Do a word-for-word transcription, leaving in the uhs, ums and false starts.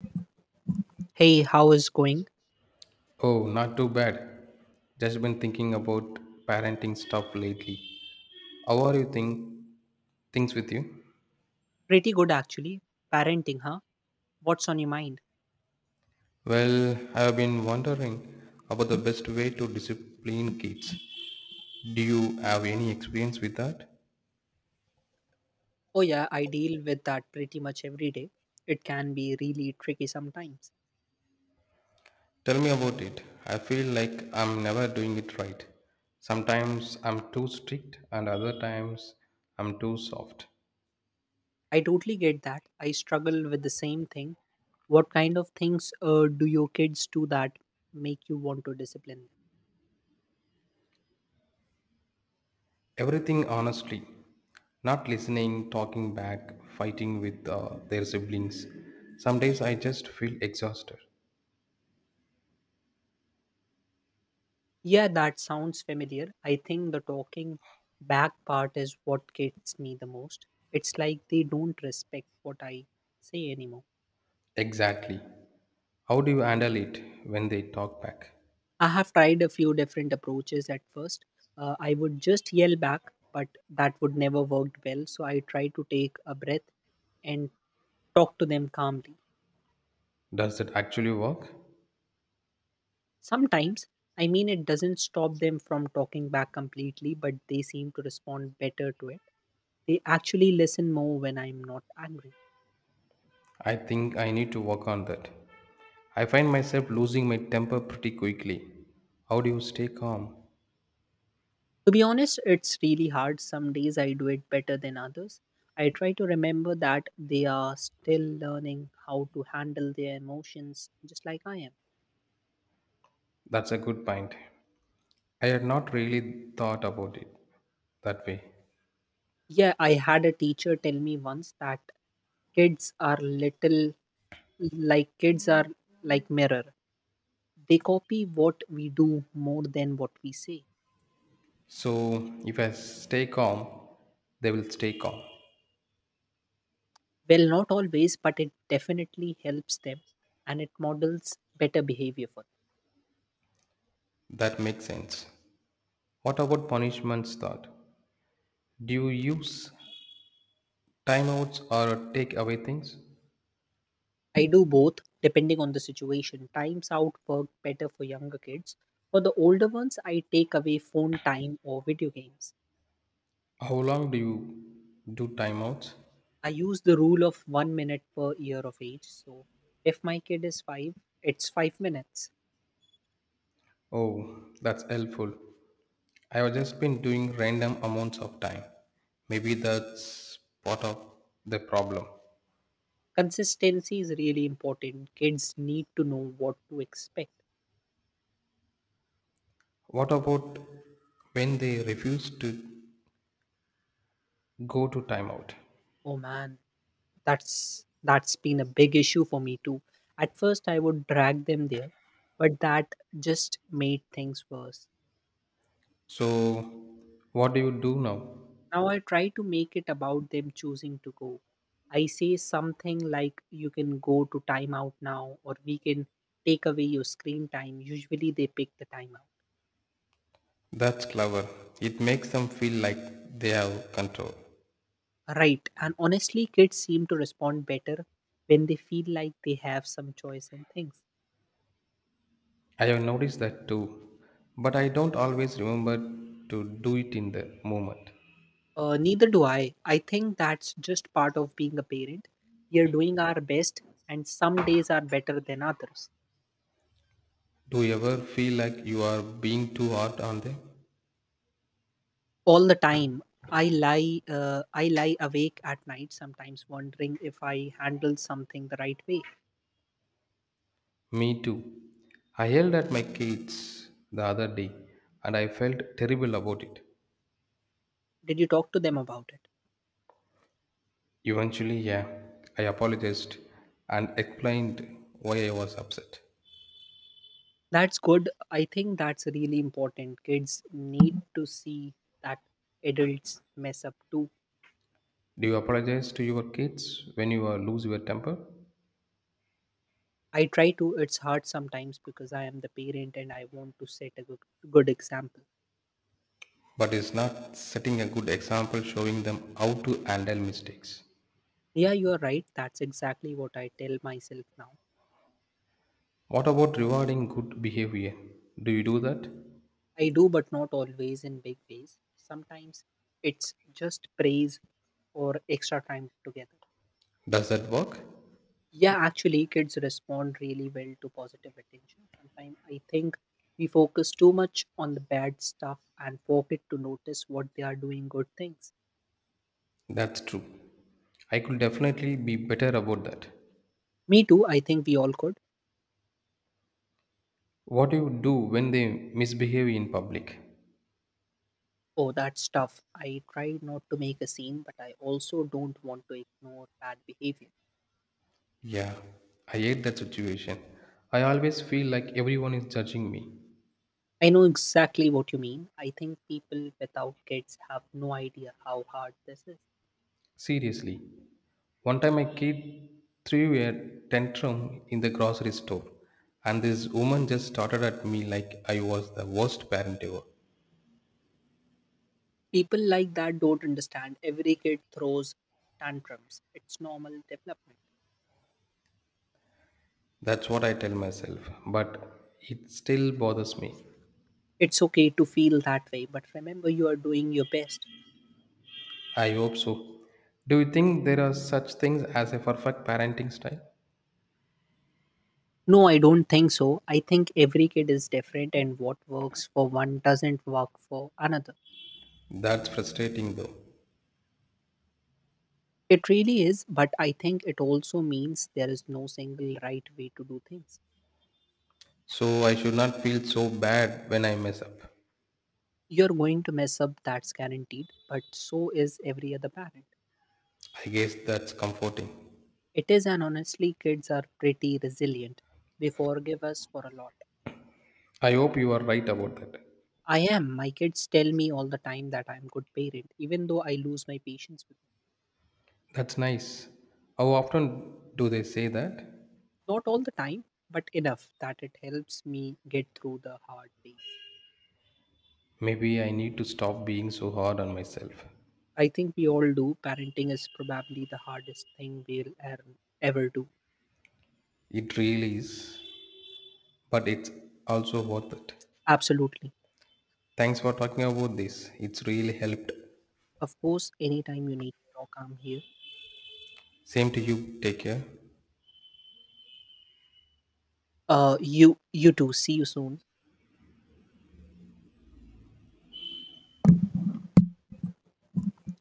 Hey, how is going? Oh, not too bad. Just been thinking about parenting stuff lately. How are you think things with you? Pretty good actually. Parenting, huh? What's on your mind? Well, I've been wondering about the best way to discipline kids. Do you have any experience with that? Oh yeah, I deal with that pretty much every day. It can be really tricky sometimes. Tell me about it. I feel like I'm never doing it right. Sometimes I'm too strict and other times I'm too soft. I totally get that. I struggle with the same thing. What kind of things uh, do your kids do that make you want to discipline them? Everything honestly, not listening, talking back, fighting with uh, their siblings. Some days I just feel exhausted. Yeah, that sounds familiar. I think the talking back part is what gets me the most. It's like they don't respect what I say anymore. Exactly. How do you handle it when they talk back? I have tried a few different approaches at first. Uh, I would just yell back, but that would never worked well. So I try to take a breath and talk to them calmly. Does that actually work? Sometimes, I mean, it doesn't stop them from talking back completely, but they seem to respond better to it. They actually listen more when I'm not angry. I think I need to work on that. I find myself losing my temper pretty quickly. How do you stay calm? To be honest, it's really hard. Some days I do it better than others. I try to remember that they are still learning how to handle their emotions just like I am. That's a good point. I had not really thought about it that way. Yeah, I had a teacher tell me once that kids are little like kids are like mirror. They copy what we do more than what we say. So, if I stay calm, they will stay calm. Well, not always, but it definitely helps them and it models better behavior for them. That makes sense. What about punishments thought? Do you use timeouts or take away things? I do both depending on the situation. Times out work better for younger kids. For the older ones, I take away phone time or video games. How long do you do timeouts? I use the rule of one minute per year of age. So if my kid is five, it's five minutes. Oh, that's helpful. I have just been doing random amounts of time. Maybe that's part of the problem. Consistency is really important. Kids need to know what to expect. What about when they refuse to go to timeout? Oh man, that's that's been a big issue for me too. At first I would drag them there, but that just made things worse. So, what do you do now? Now I try to make it about them choosing to go. I say something like you can go to timeout now or we can take away your screen time. Usually they pick the timeout. That's clever. It makes them feel like they have control. Right. And honestly kids seem to respond better when they feel like they have some choice in things. I have noticed that too, but I don't always remember to do it in the moment. Uh, neither do I. I think that's just part of being a parent. We are doing our best, and some days are better than others. Do you ever feel like you are being too hard on them? All the time, I lie. Uh, I lie awake at night sometimes, wondering if I handled something the right way. Me too. I yelled at my kids the other day and I felt terrible about it. Did you talk to them about it? Eventually, yeah, I apologized and explained why I was upset. That's good. I think that's really important. Kids need to see that adults mess up too. Do you apologize to your kids when you uh, lose your temper? I try to. It's hard sometimes because I am the parent and I want to set a good, good example. But it's not setting a good example showing them how to handle mistakes. Yeah, you are right. That's exactly what I tell myself now. What about rewarding good behavior? Do you do that? I do, but not always in big ways. Sometimes it's just praise or extra time together. Does that work? Yeah, actually, kids respond really well to positive attention. Sometimes I think we focus too much on the bad stuff and forget to notice what they are doing good things. That's true. I could definitely be better about that. Me too, I think we all could. What do you do when they misbehave in public? Oh, that's tough. I try not to make a scene, but I also don't want to ignore bad behavior. Yeah, I hate that situation. I always feel like everyone is judging me. I know exactly what you mean. I think people without kids have no idea how hard this is. Seriously. One time, a kid threw a tantrum in the grocery store, and this woman just started at me like I was the worst parent ever. People like that don't understand. Every kid throws tantrums. It's normal development. That's what I tell myself, but it still bothers me. It's okay to feel that way, but remember you are doing your best. I hope so. Do you think there are such things as a perfect parenting style? No, I don't think so. I think every kid is different, and what works for one doesn't work for another. That's frustrating though. It really is, but I think it also means there is no single right way to do things. So I should not feel so bad when I mess up. You're going to mess up, that's guaranteed, but so is every other parent. I guess that's comforting. It is, and honestly, kids are pretty resilient. They forgive us for a lot. I hope you are right about that. I am. My kids tell me all the time that I'm good parent, even though I lose my patience with them. That's nice. How often do they say that? Not all the time, but enough that it helps me get through the hard days. Maybe I need to stop being so hard on myself. I think we all do. Parenting is probably the hardest thing we'll er- ever do. It really is, but it's also worth it. Absolutely. Thanks for talking about this. It's really helped. Of course, anytime you need to talk, I'm here. Same to you. Take care. Uh, you you too. See you soon.